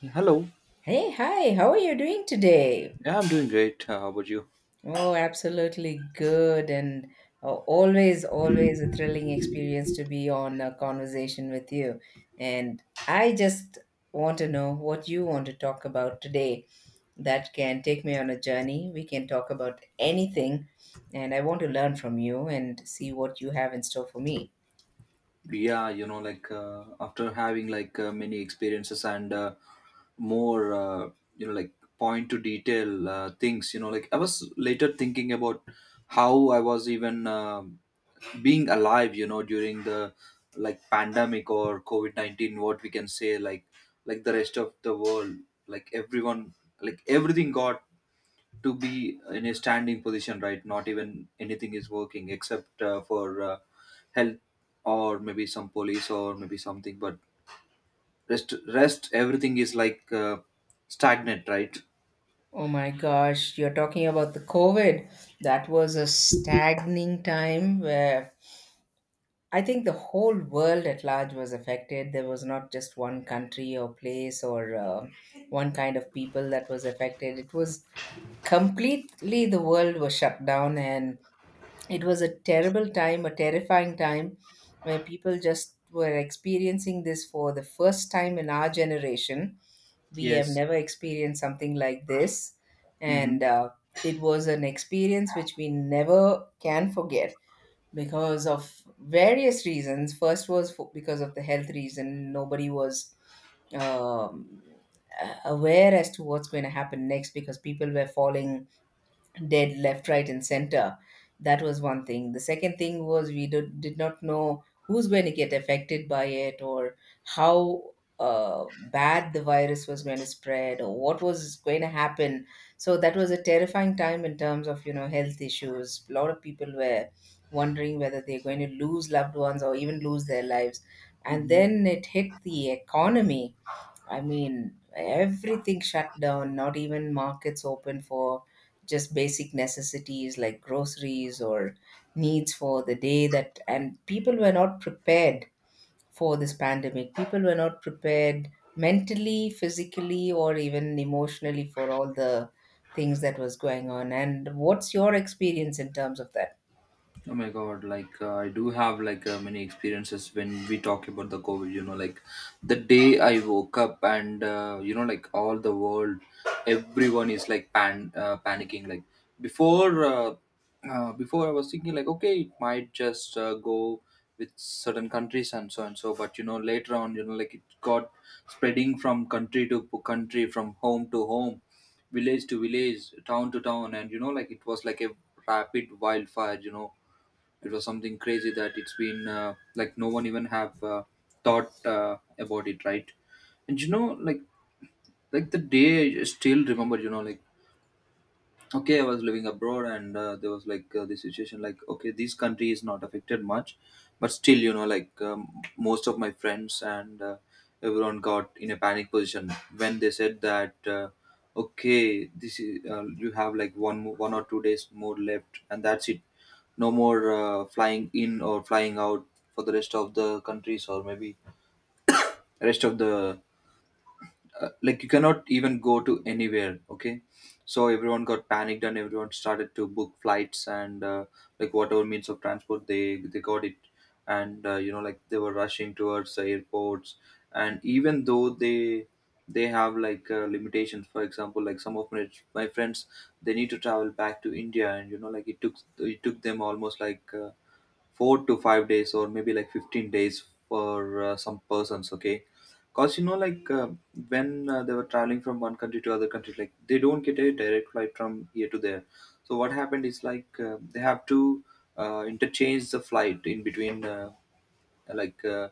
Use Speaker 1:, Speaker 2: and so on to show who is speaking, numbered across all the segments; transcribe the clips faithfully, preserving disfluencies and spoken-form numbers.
Speaker 1: Yeah, hello.
Speaker 2: Hey, hi, how are you doing today?
Speaker 1: Yeah, I'm doing great. Uh, how about you?
Speaker 2: Oh, absolutely good. And uh, always, always a thrilling experience to be on a conversation with you. And I just want to know what you want to talk about today that can take me on a journey. We can talk about anything. And I want to learn from you and see what you have in store for me.
Speaker 1: Yeah, you know, like uh, after having like uh, many experiences and uh, more, uh, you know, like point to detail uh, things, you know, like I was later thinking about how I was even um being alive, you know, during the like pandemic or COVID nineteen, what we can say, like, like the rest of the world, like everyone, like everything got to be in a standing position, right? Not even anything is working except uh, for uh, health or maybe some police or maybe something. But rest, rest, everything is like uh, stagnant, right?
Speaker 2: Oh my gosh, you're talking about the COVID. That was a staggering time where I think the whole world at large was affected. There was not just one country or place or uh, one kind of people that was affected. It was completely the world was shut down, and it was a terrible time, a terrifying time where people just were experiencing this for the first time in our generation. We have
Speaker 1: Yes.
Speaker 2: never experienced something like this, and
Speaker 1: Mm-hmm.
Speaker 2: uh, it was an experience which we never can forget because of various reasons. First was for, because of the health reason. Nobody was um, a- aware as to what's going to happen next because people were falling dead left, right, and center. That was one thing. The second thing was we did, did not know who's going to get affected by it or how uh, bad the virus was going to spread or what was going to happen. So that was a terrifying time in terms of, you know, health issues. A lot of people were wondering whether they're going to lose loved ones or even lose their lives. And then it hit the economy. I mean, everything shut down, not even markets open for just basic necessities like groceries or needs for the day that and people were not prepared for this pandemic. People were not prepared mentally, physically or even emotionally for all the things that was going on. And what's your experience in terms of that?
Speaker 1: Oh my god, like uh, I do have like uh, many experiences when we talk about the COVID, you know, like the day I woke up and uh, you know, like all the world, everyone is like pan uh, panicking. Like before, uh, uh, before I was thinking like, okay, it might just uh, go with certain countries and so and so. But you know, later on, you know, like it got spreading from country to p- country, from home to home, village to village, town to town. And you know, like it was like a rapid wildfire, you know It was something crazy that it's been uh, like no one even have uh, thought uh, about it, right? And you know, like like the day I still remember. You know, like okay, I was living abroad, and uh, there was like uh, this situation like okay, this country is not affected much, but still you know like um, most of my friends and uh, everyone got in a panic position when they said that uh, okay, this is uh, you have like one mo- one or two days more left and that's it, no more uh, flying in or flying out for the rest of the countries, or maybe rest of the uh, like you cannot even go to anywhere, okay. So everyone got panicked and everyone started to book flights and uh, like whatever means of transport they they got it. And uh, you know like they were rushing towards the airports. And even though they they have like uh, limitations, for example like some of my, my friends, they need to travel back to India, and you know like it took it took them almost like uh, four to five days, or maybe like fifteen days for uh, some persons, okay. Because you know like uh, when uh, they were traveling from one country to other country, like they don't get a direct flight from here to there. So what happened is, like uh, they have to uh, interchange the flight in between, uh, like uh,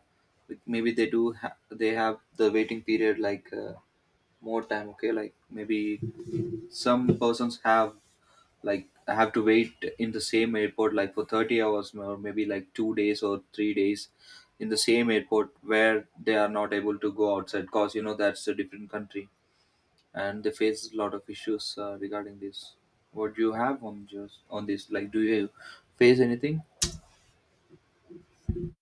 Speaker 1: like maybe they do ha- they have the waiting period like uh, more time, okay. Like maybe some persons have, like I have to wait in the same airport like for thirty hours, or maybe like two days or three days in the same airport where they are not able to go outside because you know that's a different country. And they face a lot of issues uh, regarding this. What do you have on just on this, like do you face anything?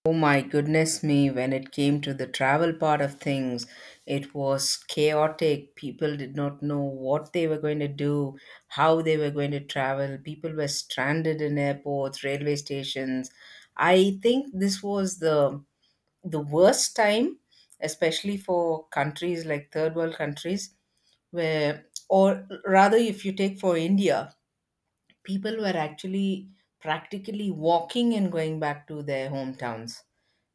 Speaker 2: Oh my goodness me, when it came to the travel part of things, it was chaotic. People did not know what they were going to do, how they were going to travel. People were stranded in airports, railway stations. I think this was the the worst time, especially for countries like third world countries, where or rather if you take for India, people were actually practically walking and going back to their hometowns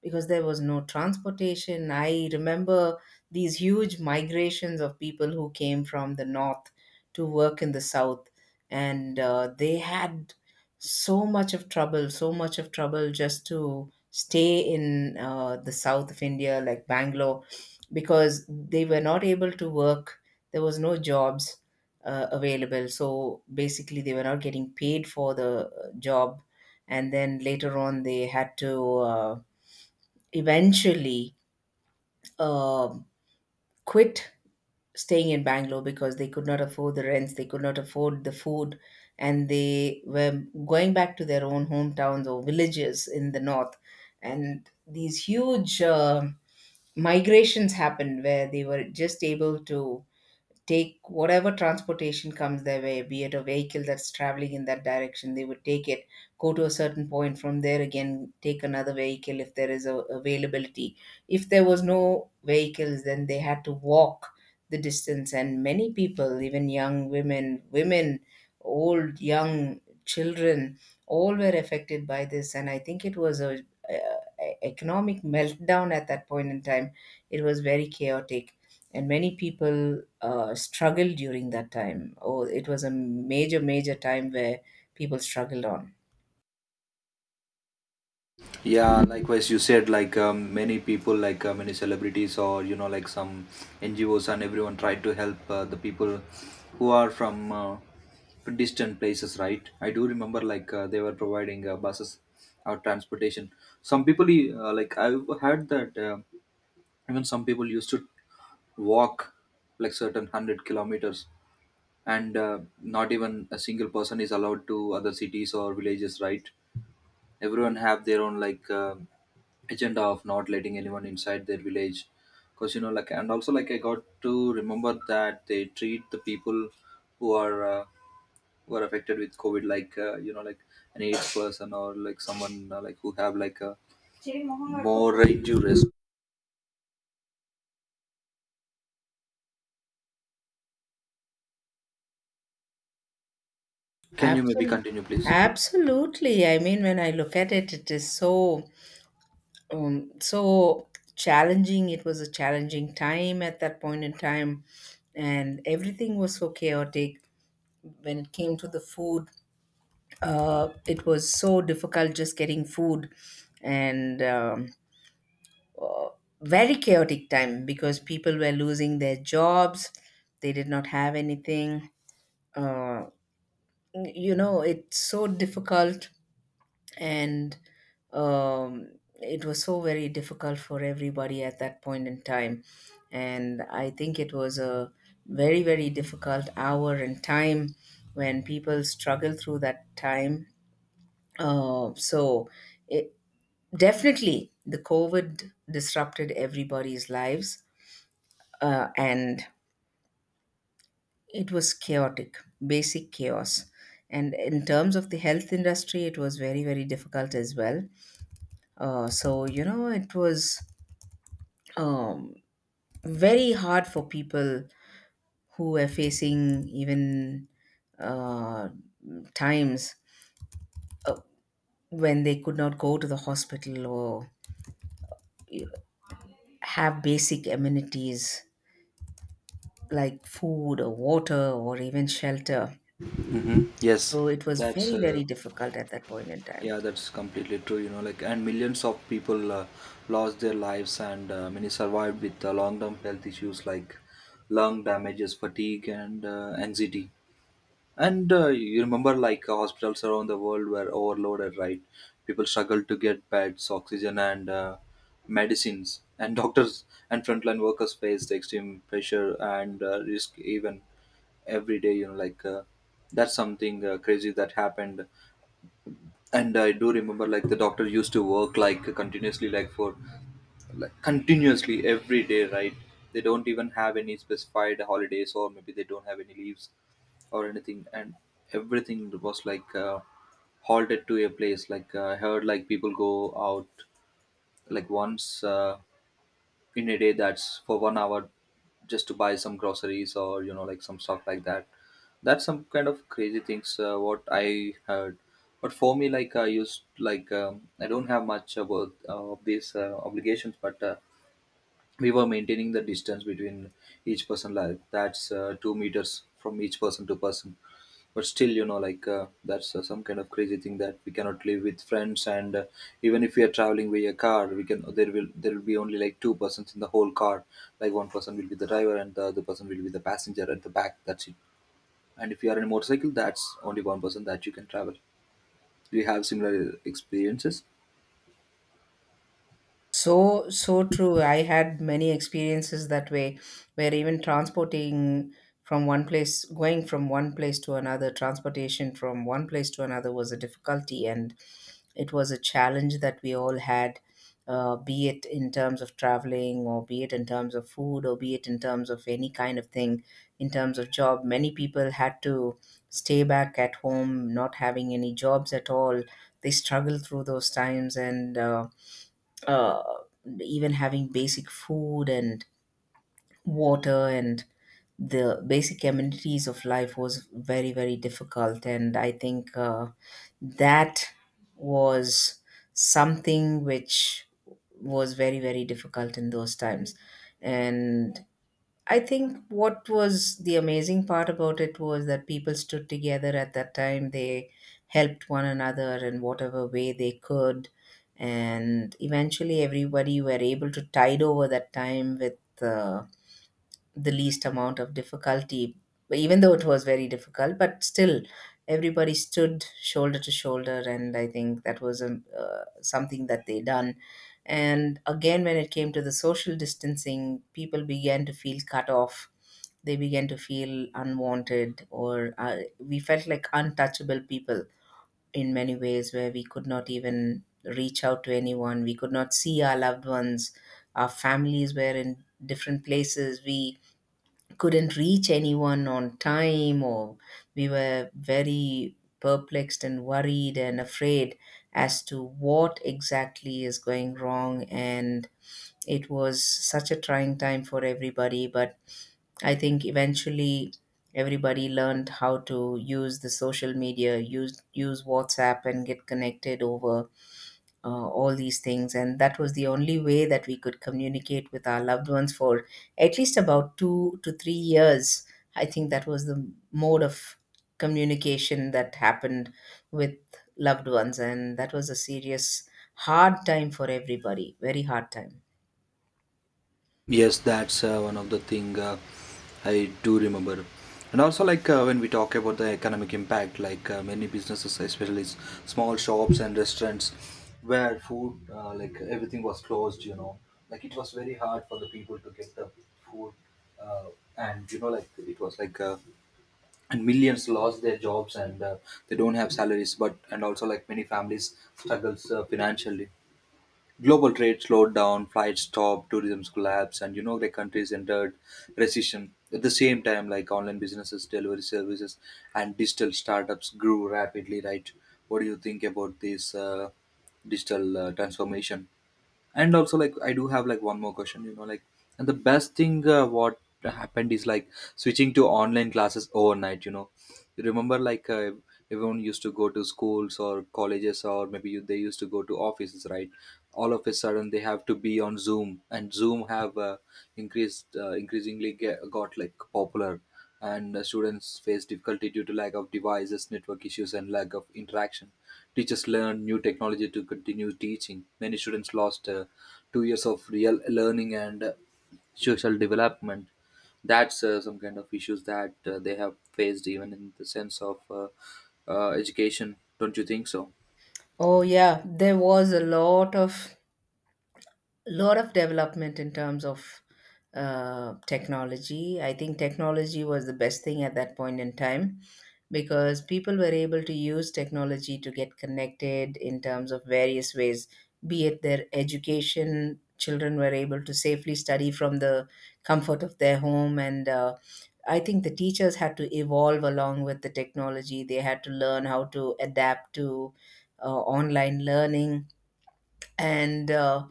Speaker 2: because there was no transportation. I remember these huge migrations of people who came from the north to work in the south, and uh, they had so much of trouble, so much of trouble just to stay in uh, the south of India, like Bangalore, because they were not able to work. There was no jobs uh, available. So basically, they were not getting paid for the uh, job, and then later on, they had to uh, eventually uh, quit staying in Bangalore because they could not afford the rents, they could not afford the food, and they were going back to their own hometowns or villages in the north. And these huge uh, migrations happened where they were just able to take whatever transportation comes their way, be it a vehicle that's traveling in that direction, they would take it, go to a certain point, from there again, take another vehicle if there is a availability. If there was no vehicles, then they had to walk the distance. And many people, even young women, women, old, young, children, all were affected by this. And I think it was a, uh economic meltdown at that point in time. It was very chaotic and many people uh, struggle during that time. Oh, it was a major, major time where people struggled on.
Speaker 1: Yeah, likewise, you said like um, many people, like uh, many celebrities, or you know, like some N G Os, and everyone tried to help uh, the people who are from uh, distant places, right? I do remember like uh, they were providing uh, buses or transportation. Some people, uh, like I've heard that uh, even some people used to walk like certain hundred kilometers, and uh, not even a single person is allowed to other cities or villages, right? Everyone have their own like. Uh, agenda of not letting anyone inside their village, because you know like. And also like I got to remember that they treat the people who are uh, who are affected with COVID like uh, you know like an AIDS person, or like someone uh, like who have like a more relative risk. Can you maybe
Speaker 2: Absolutely.
Speaker 1: continue please?
Speaker 2: Absolutely. I mean, when I look at it, it is so, um, so challenging. It was a challenging time at that point in time, and everything was so chaotic. When it came to the food, uh, it was so difficult just getting food, and um, uh, very chaotic time because people were losing their jobs. They did not have anything. uh, you know, it's so difficult, and um, it was so very difficult for everybody at that point in time, and I think it was a very, very difficult hour and time when people struggle through that time. Uh, so it, definitely the COVID disrupted everybody's lives, uh, and it was chaotic, basic chaos. And in terms of the health industry, it was very, very difficult as well. Uh, so, you know, it was um, very hard for people who were facing even uh, times when they could not go to the hospital or have basic amenities like food or water or even shelter.
Speaker 1: Hmm. Yes.
Speaker 2: So it was
Speaker 1: that's
Speaker 2: very,
Speaker 1: uh,
Speaker 2: very difficult at that point in time.
Speaker 1: Yeah, that's completely true. You know, like, and millions of people uh, lost their lives, and uh, many survived with uh, long-term health issues like lung damages, fatigue, and uh, anxiety. And uh, you remember, like, uh, hospitals around the world were overloaded, right? People struggled to get beds, oxygen, and uh, medicines. And doctors and frontline workers faced extreme pressure and uh, risk even every day. You know, like, uh, that's something uh, crazy that happened. And I do remember like the doctor used to work like continuously, like for, like continuously every day, right? They don't even have any specified holidays, or maybe they don't have any leaves or anything. And everything was like uh, halted to a place, like uh, I heard like people go out like once uh, in a day, that's for one hour, just to buy some groceries or you know like some stuff like that. That's some kind of crazy things uh, what I heard. But for me like I used, like um, I don't have much about uh, of these uh, obligations, but uh, we were maintaining the distance between each person, like that's uh, two meters from each person to person. But still you know like uh, that's uh, some kind of crazy thing that we cannot live with friends. And uh, even if we are traveling by a car, we can, there will there will be only like two persons in the whole car. Like one person will be the driver and the other person will be the passenger at the back, that's it. And if you are in a motorcycle, that's only one person that you can travel. Do you have similar experiences?
Speaker 2: So, so true. I had many experiences that way, where even transporting from one place, going from one place to another, transportation from one place to another was a difficulty, and it was a challenge that we all had, uh, be it in terms of traveling, or be it in terms of food, or be it in terms of any kind of thing, in terms of job. Many people had to stay back at home, not having any jobs at all. They struggled through those times and, uh, uh, even having basic food and water and the basic amenities of life was very, very difficult, and I think uh, that was something which was very, very difficult in those times. And I think what was the amazing part about it was that people stood together at that time. They helped one another in whatever way they could. And eventually, everybody were able to tide over that time with uh, the least amount of difficulty, even though it was very difficult, but still everybody stood shoulder to shoulder. And I think that was a uh, something that they done. And again, when it came to the social distancing, people began to feel cut off. They began to feel unwanted, or uh, we felt like untouchable people in many ways, where we could not even reach out to anyone. We could not see our loved ones. Our families were in different places. We couldn't reach anyone on time or we were very perplexed and worried and afraid as to what exactly is going wrong, and it was such a trying time for everybody. But I think eventually everybody learned how to use the social media, use use WhatsApp and get connected over uh, all these things. And that was the only way that we could communicate with our loved ones for at least about two to three years. I think that was the mode of communication that happened with loved ones. And that was a serious, hard time for everybody, very hard time.
Speaker 1: Yes, that's uh, one of the thing uh, I do remember. And also, like uh, when we talk about the economic impact, like uh, many businesses, especially s- small shops and restaurants, where food, uh, like everything was closed, you know, like it was very hard for the people to get the food, uh, and you know, like it was like, uh, and millions lost their jobs, and uh, they don't have salaries. But, and also like many families struggles uh, financially. Global trade slowed down, flights stopped, tourism collapsed, and you know the countries entered recession. At the same time, like online businesses, delivery services, and digital startups grew rapidly, right? What do you think about this uh, digital uh, transformation? And also like I do have like one more question, you know like, and the best thing uh, what happened is like switching to online classes overnight, you know you remember like uh, everyone used to go to schools or colleges, or maybe you, they used to go to offices, right? All of a sudden they have to be on Zoom, and Zoom have uh, increased, uh, increasingly get, got like popular. And uh, students face difficulty due to lack of devices, network issues, and lack of interaction. Teachers learned new technology to continue teaching. Many students lost uh, two years of real learning and uh, social development. That's uh, some kind of issues that uh, they have faced, even in the sense of uh, uh, education. Don't you think so?
Speaker 2: Oh, yeah, there was a lot of lot of development in terms of uh, technology. I think technology was the best thing at that point in time because people were able to use technology to get connected in terms of various ways, be it their education. Children were able to safely study from the comfort of their home, and uh, I think the teachers had to evolve along with the technology. They had to learn how to adapt to uh, online learning, and uh,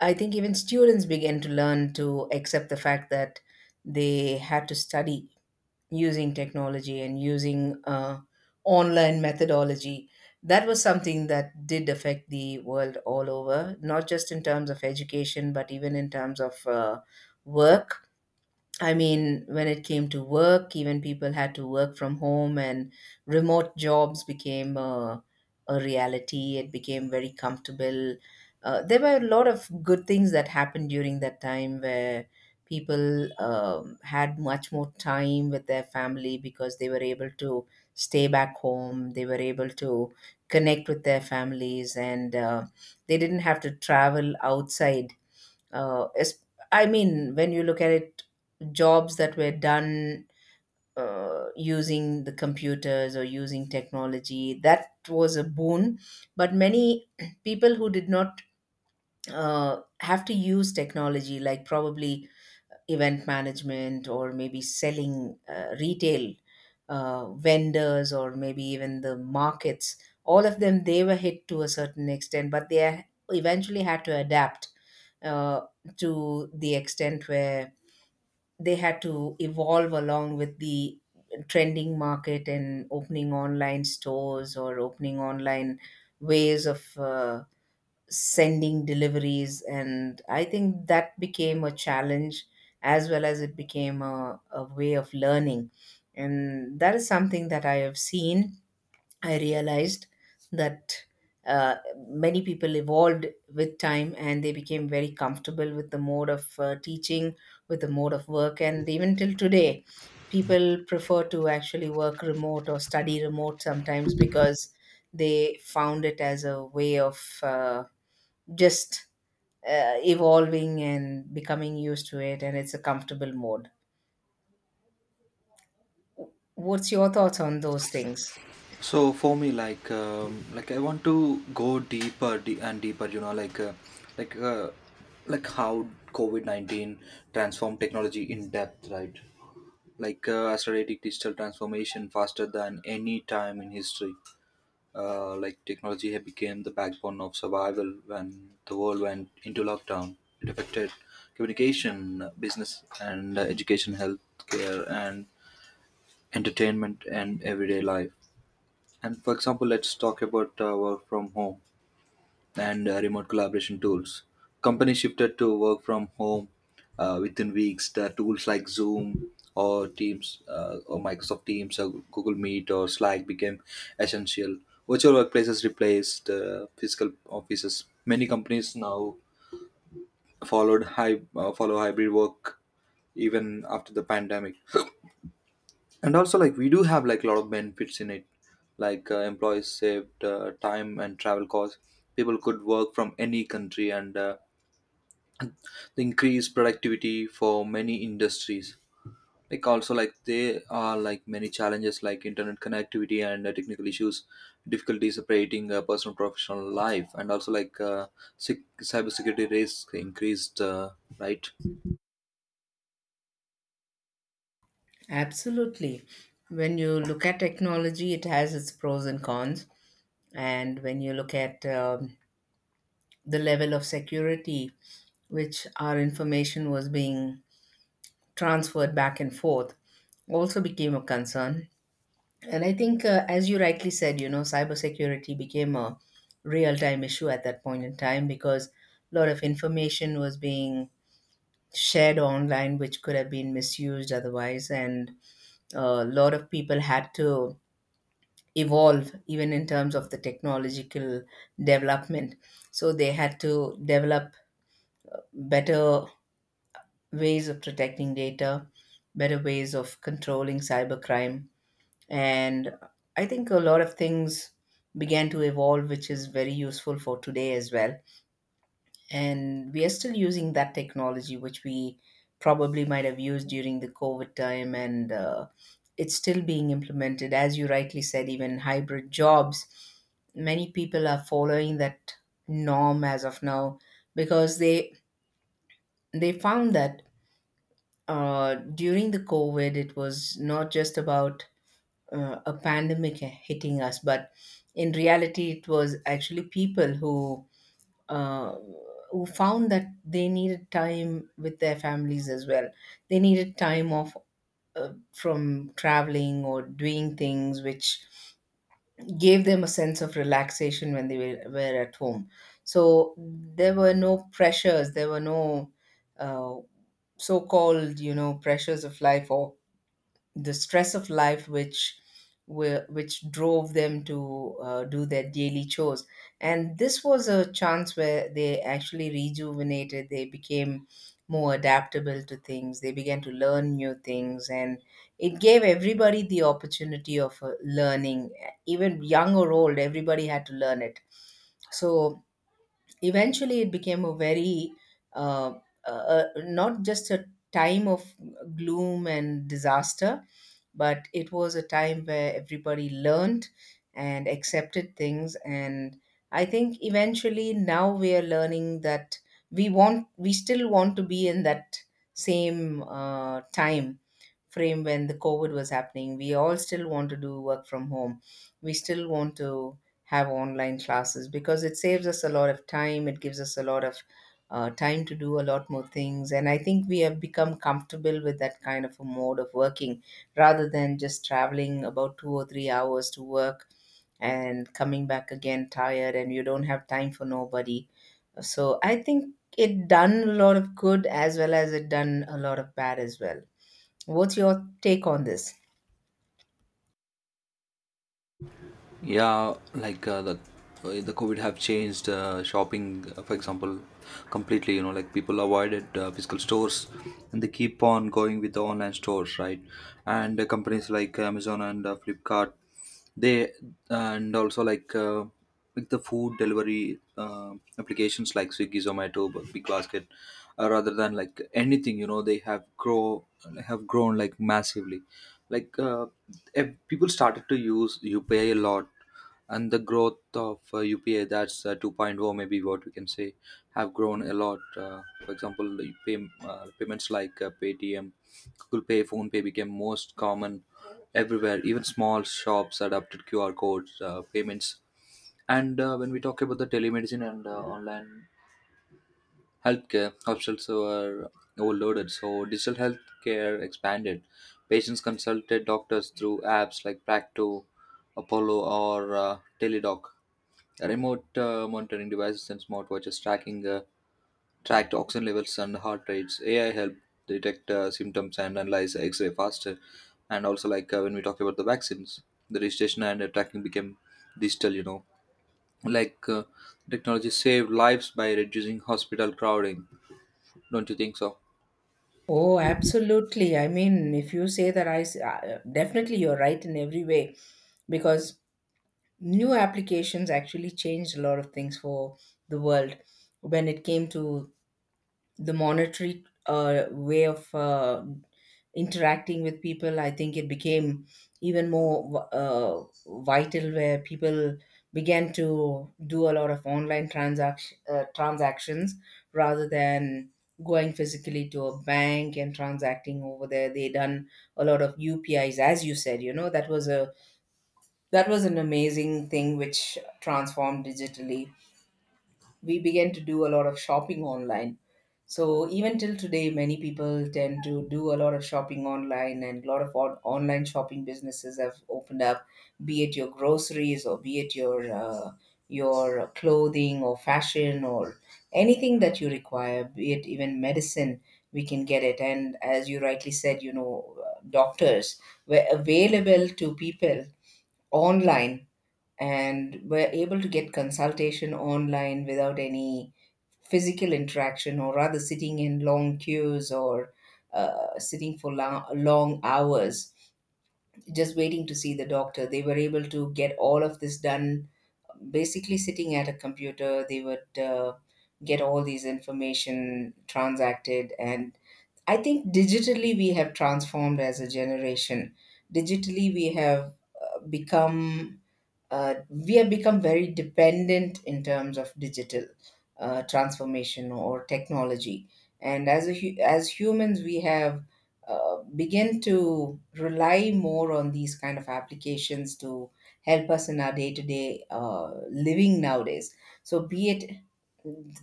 Speaker 2: I think even students began to learn to accept the fact that they had to study using technology and using uh, online methodology. That was something that did affect the world all over, not just in terms of education, but even in terms of uh, work. I mean, when it came to work, even people had to work from home, and remote jobs became a, a reality. It became very comfortable. Uh, there were a lot of good things that happened during that time where people um, had much more time with their family because they were able to stay back home. They were able to connect with their families, and uh, they didn't have to travel outside uh, es- I mean, when you look at it, jobs that were done uh, using the computers or using technology, that was a boon. But many people who did not uh, have to use technology, like probably event management or maybe selling uh, retail uh, vendors or maybe even the markets, all of them, they were hit to a certain extent, but they ha- eventually had to adapt uh, to the extent where they had to evolve along with the trending market and opening online stores or opening online ways of uh, sending deliveries. And I think that became a challenge as well as it became a, a way of learning, and that is something that I have seen. I realized that uh, many people evolved with time and they became very comfortable with the mode of uh, teaching, with the mode of work. And even till today, people prefer to actually work remote or study remote sometimes because they found it as a way of uh, just uh, evolving and becoming used to it, and it's a comfortable mode. What's your thoughts on those things?
Speaker 1: So for me, like um, like I want to go deeper de- and deeper. You know, like uh, like uh, like how COVID nineteen transformed technology in depth, right? Like uh, accelerating digital transformation faster than any time in history. Uh, like technology had became the backbone of survival when the world went into lockdown. It affected communication, business, and uh, education, healthcare, and entertainment, and everyday life. And for example, let's talk about uh, work from home and uh, remote collaboration tools. Companies shifted to work from home uh, within weeks. The tools like Zoom or Teams uh, or Microsoft Teams or Google Meet or Slack became essential. Virtual workplaces replaced uh, physical offices. Many companies now followed hy- uh, follow hybrid work even after the pandemic. And also, like we do have like a lot of benefits in it. Like uh, employees saved uh, time and travel costs. People could work from any country, and uh, increase productivity for many industries. Like also, like they are like many challenges, like internet connectivity and uh, technical issues, difficulty separating uh, personal professional life, and also like uh, cyber security risks increased, uh, right?
Speaker 2: Absolutely. When you look at technology, it has its pros and cons. And when you look at um, the level of security which our information was being transferred back and forth also became a concern. And I think, uh, as you rightly said, you know, cybersecurity became a real time issue at that point in time, because a lot of information was being shared online, which could have been misused otherwise. And uh, a lot of people had to evolve, even in terms of the technological development. So they had to develop better ways of protecting data, better ways of controlling cybercrime. And I think a lot of things began to evolve, which is very useful for today as well. And we are still using that technology, which we probably might have used during the COVID time. And uh, it's still being implemented. As you rightly said, even hybrid jobs, many people are following that norm as of now, because they they found that uh, during the COVID, it was not just about uh, a pandemic hitting us, but in reality, it was actually people who uh, who found that they needed time with their families as well. They needed time off uh, from traveling or doing things, which gave them a sense of relaxation when they were, were at home. So there were no pressures. There were no uh, so-called, you know, pressures of life or the stress of life which were, which drove them to uh, do their daily chores. And this was a chance where they actually rejuvenated. They became more adaptable to things. They began to learn new things, and it gave everybody the opportunity of uh, learning. Even young or old, everybody had to learn it. So eventually it became a very uh, uh, not just a time of gloom and disaster, but it was a time where everybody learned and accepted things. And I think eventually now we are learning that we want we still want to be in that same uh, time frame when the COVID was happening. We all still want to do work from home. We still want to have online classes because it saves us a lot of time. It gives us a lot of uh, time to do a lot more things. And I think we have become comfortable with that kind of a mode of working rather than just traveling about two or three hours to work and coming back again tired, and you don't have time for nobody. So I think it done a lot of good as well as it done a lot of bad as well. What's your take on this?
Speaker 1: Yeah, like uh, the uh, the COVID have changed uh, shopping uh, for example, completely. You know, like people avoided uh, physical stores, and they keep on going with the online stores, right? And uh, companies like Amazon and uh, Flipkart, they. And also like uh, like the food delivery uh, applications like Swiggy, Zomato, Big Basket, uh, rather than like anything, you know, they have grow have grown like massively. Like uh, ev- people started to use U P I a lot. And the growth of uh, U P I, that's uh, 2.0 maybe, what we can say, have grown a lot. Uh, for example, the pay, uh, payments like uh, Paytm, Google Pay, Phone Pay became most common everywhere. Even small shops adopted Q R codes uh, payments. And uh, when we talk about the telemedicine and uh, online healthcare, hospitals were overloaded, so digital healthcare expanded. Patients consulted doctors through apps like Practo, Apollo, or uh, Teledoc. Remote uh, monitoring devices and smartwatches tracking uh, tracked oxygen levels and heart rates. A I helped detect uh, symptoms and analyze X-ray faster. And also, like uh, when we talk about the vaccines, the registration and uh, tracking became digital. You know, like uh, technology saved lives by reducing hospital crowding. Don't you think so?
Speaker 2: Oh, absolutely. I mean, if you say that, I s- uh, definitely you're right in every way, because new applications actually changed a lot of things for the world. When it came to the monetary uh, way of uh, interacting with people, I think it became even more uh, vital, where people began to do a lot of online transaction, uh, transactions rather than going physically to a bank and transacting over there. They done a lot of UPIs, as you said, you know, that was a that was an amazing thing which transformed digitally. We began to do a lot of shopping online. So even till today, many people tend to do a lot of shopping online, and a lot of on- online shopping businesses have opened up, be it your groceries or be it your uh, your clothing or fashion or anything that you require, be it even medicine, we can get it. And as you rightly said, you know, uh, doctors were available to people online and were able to get consultation online without any physical interaction, or rather sitting in long queues or uh, sitting for long, long hours just waiting to see the doctor. They were able to get all of this done basically sitting at a computer. They would uh, get all these information transacted. And I think digitally we have transformed as a generation. Digitally we have uh, become uh, we have become very dependent in terms of digital uh, transformation or technology. And as a, hu- as humans, we have uh, begin to rely more on these kind of applications to help us in our day to day living nowadays. So, be it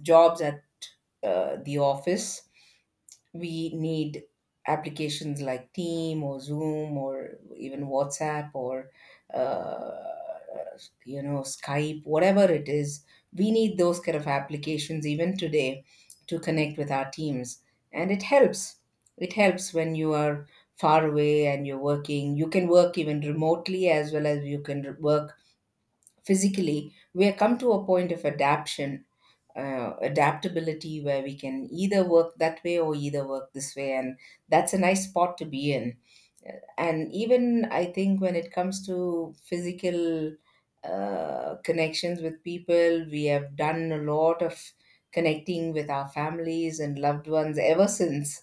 Speaker 2: jobs at uh, the office, we need applications like Team or Zoom or even WhatsApp or uh, you know, Skype, whatever it is. We need those kind of applications even today to connect with our teams, and it helps. It helps when you are far away and you're working. You can work even remotely as well as you can work physically. We have come to a point of adaptation uh, adaptability where we can either work that way or either work this way, and that's a nice spot to be in. And even I think when it comes to physical uh, connections with people, we have done a lot of connecting with our families and loved ones ever since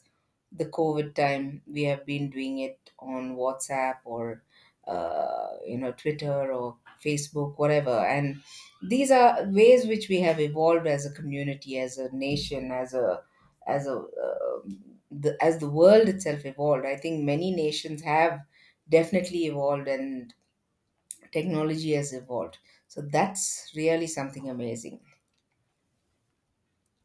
Speaker 2: the COVID time. We have been doing it on WhatsApp or uh, you know, Twitter or Facebook, whatever. And these are ways which we have evolved as a community, as a nation, as a as a um the, as the world itself evolved. I think many nations have definitely evolved, and technology has evolved. So that's really something amazing.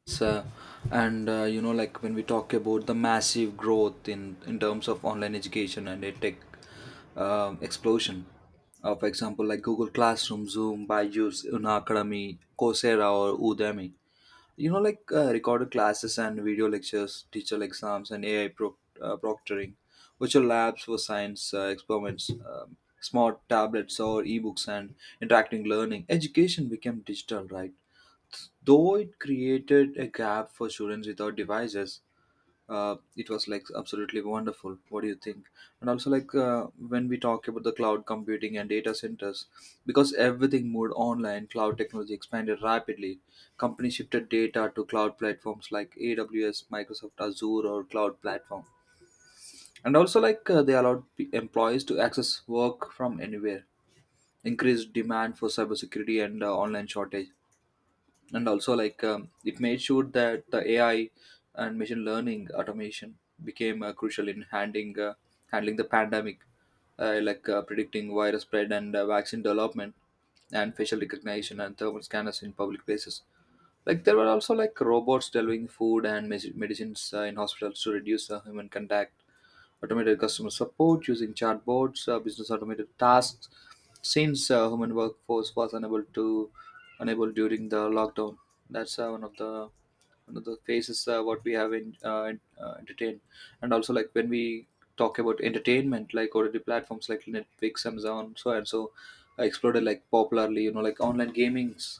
Speaker 1: So, and uh, you know, like when we talk about the massive growth in in terms of online education and a tech um explosion, uh, for example, like Google Classroom, Zoom, Byju's, Una Academy, Coursera, or Udemy. You know, like uh, recorded classes and video lectures, teacher exams, and A I pro- uh, proctoring, virtual labs for science uh, experiments, um, smart tablets or ebooks, and interacting learning. Education became digital, right? Though it created a gap for students without devices, uh, it was like absolutely wonderful. What do you think? And also, like uh, when we talk about the cloud computing and data centers, because everything moved online, cloud technology expanded rapidly. Companies shifted data to cloud platforms like A W S, Microsoft Azure, or cloud platform. And also, like uh, they allowed p- employees to access work from anywhere, increased demand for cybersecurity and uh, online shortage. And also like um, it made sure that the A I and machine learning automation became uh, crucial in handling uh, handling the pandemic, uh, like uh, predicting virus spread and uh, vaccine development, and facial recognition and thermal scanners in public places. Like there were also like robots delivering food and mes- medicines uh, in hospitals to reduce uh, human contact, automated customer support using chatbots, uh, business automated tasks, since uh, human workforce was unable to unable during the lockdown. That's uh, one of the one of the phases uh, what we have in uh, in- uh, entertained. And also like when we talk about entertainment, like O T T platforms like Netflix, Amazon, so and so, uh, exploded like popularly. You know, like online gamings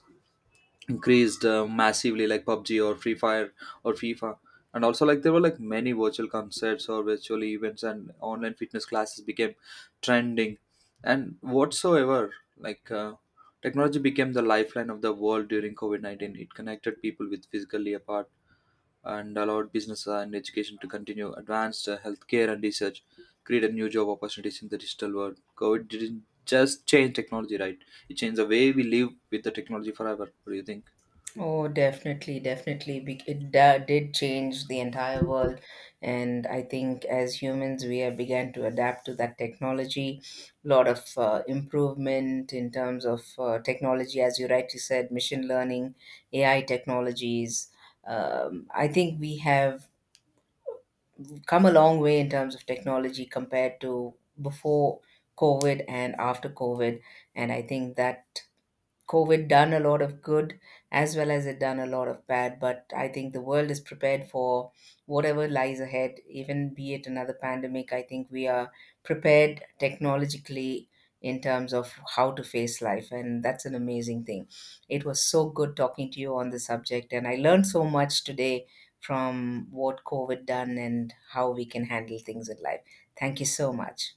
Speaker 1: increased uh, massively, like PUBG or Free Fire or FIFA. And also like there were like many virtual concerts or virtual events, and online fitness classes became trending. And whatsoever, like uh, technology became the lifeline of the world during COVID nineteen. It connected people with physically apart, and allowed business and education to continue, advanced uh, healthcare and research, created new job opportunities in the digital world. COVID didn't just change technology, right? It changed the way we live with the technology forever. What do you think?
Speaker 2: Oh, definitely, definitely. Be- It da- did change the entire world. And I think as humans, we have began to adapt to that technology. A lot of uh, improvement in terms of uh, technology, as you rightly said, machine learning, A I technologies. Um, I think we have come a long way in terms of technology compared to before COVID and after COVID. And I think that COVID done a lot of good as well as it done a lot of bad. But I think the world is prepared for whatever lies ahead, even be it another pandemic. I think we are prepared technologically in terms of how to face life. And that's an amazing thing. It was so good talking to you on the subject. And I learned so much today from what COVID done and how we can handle things in life. Thank you so much.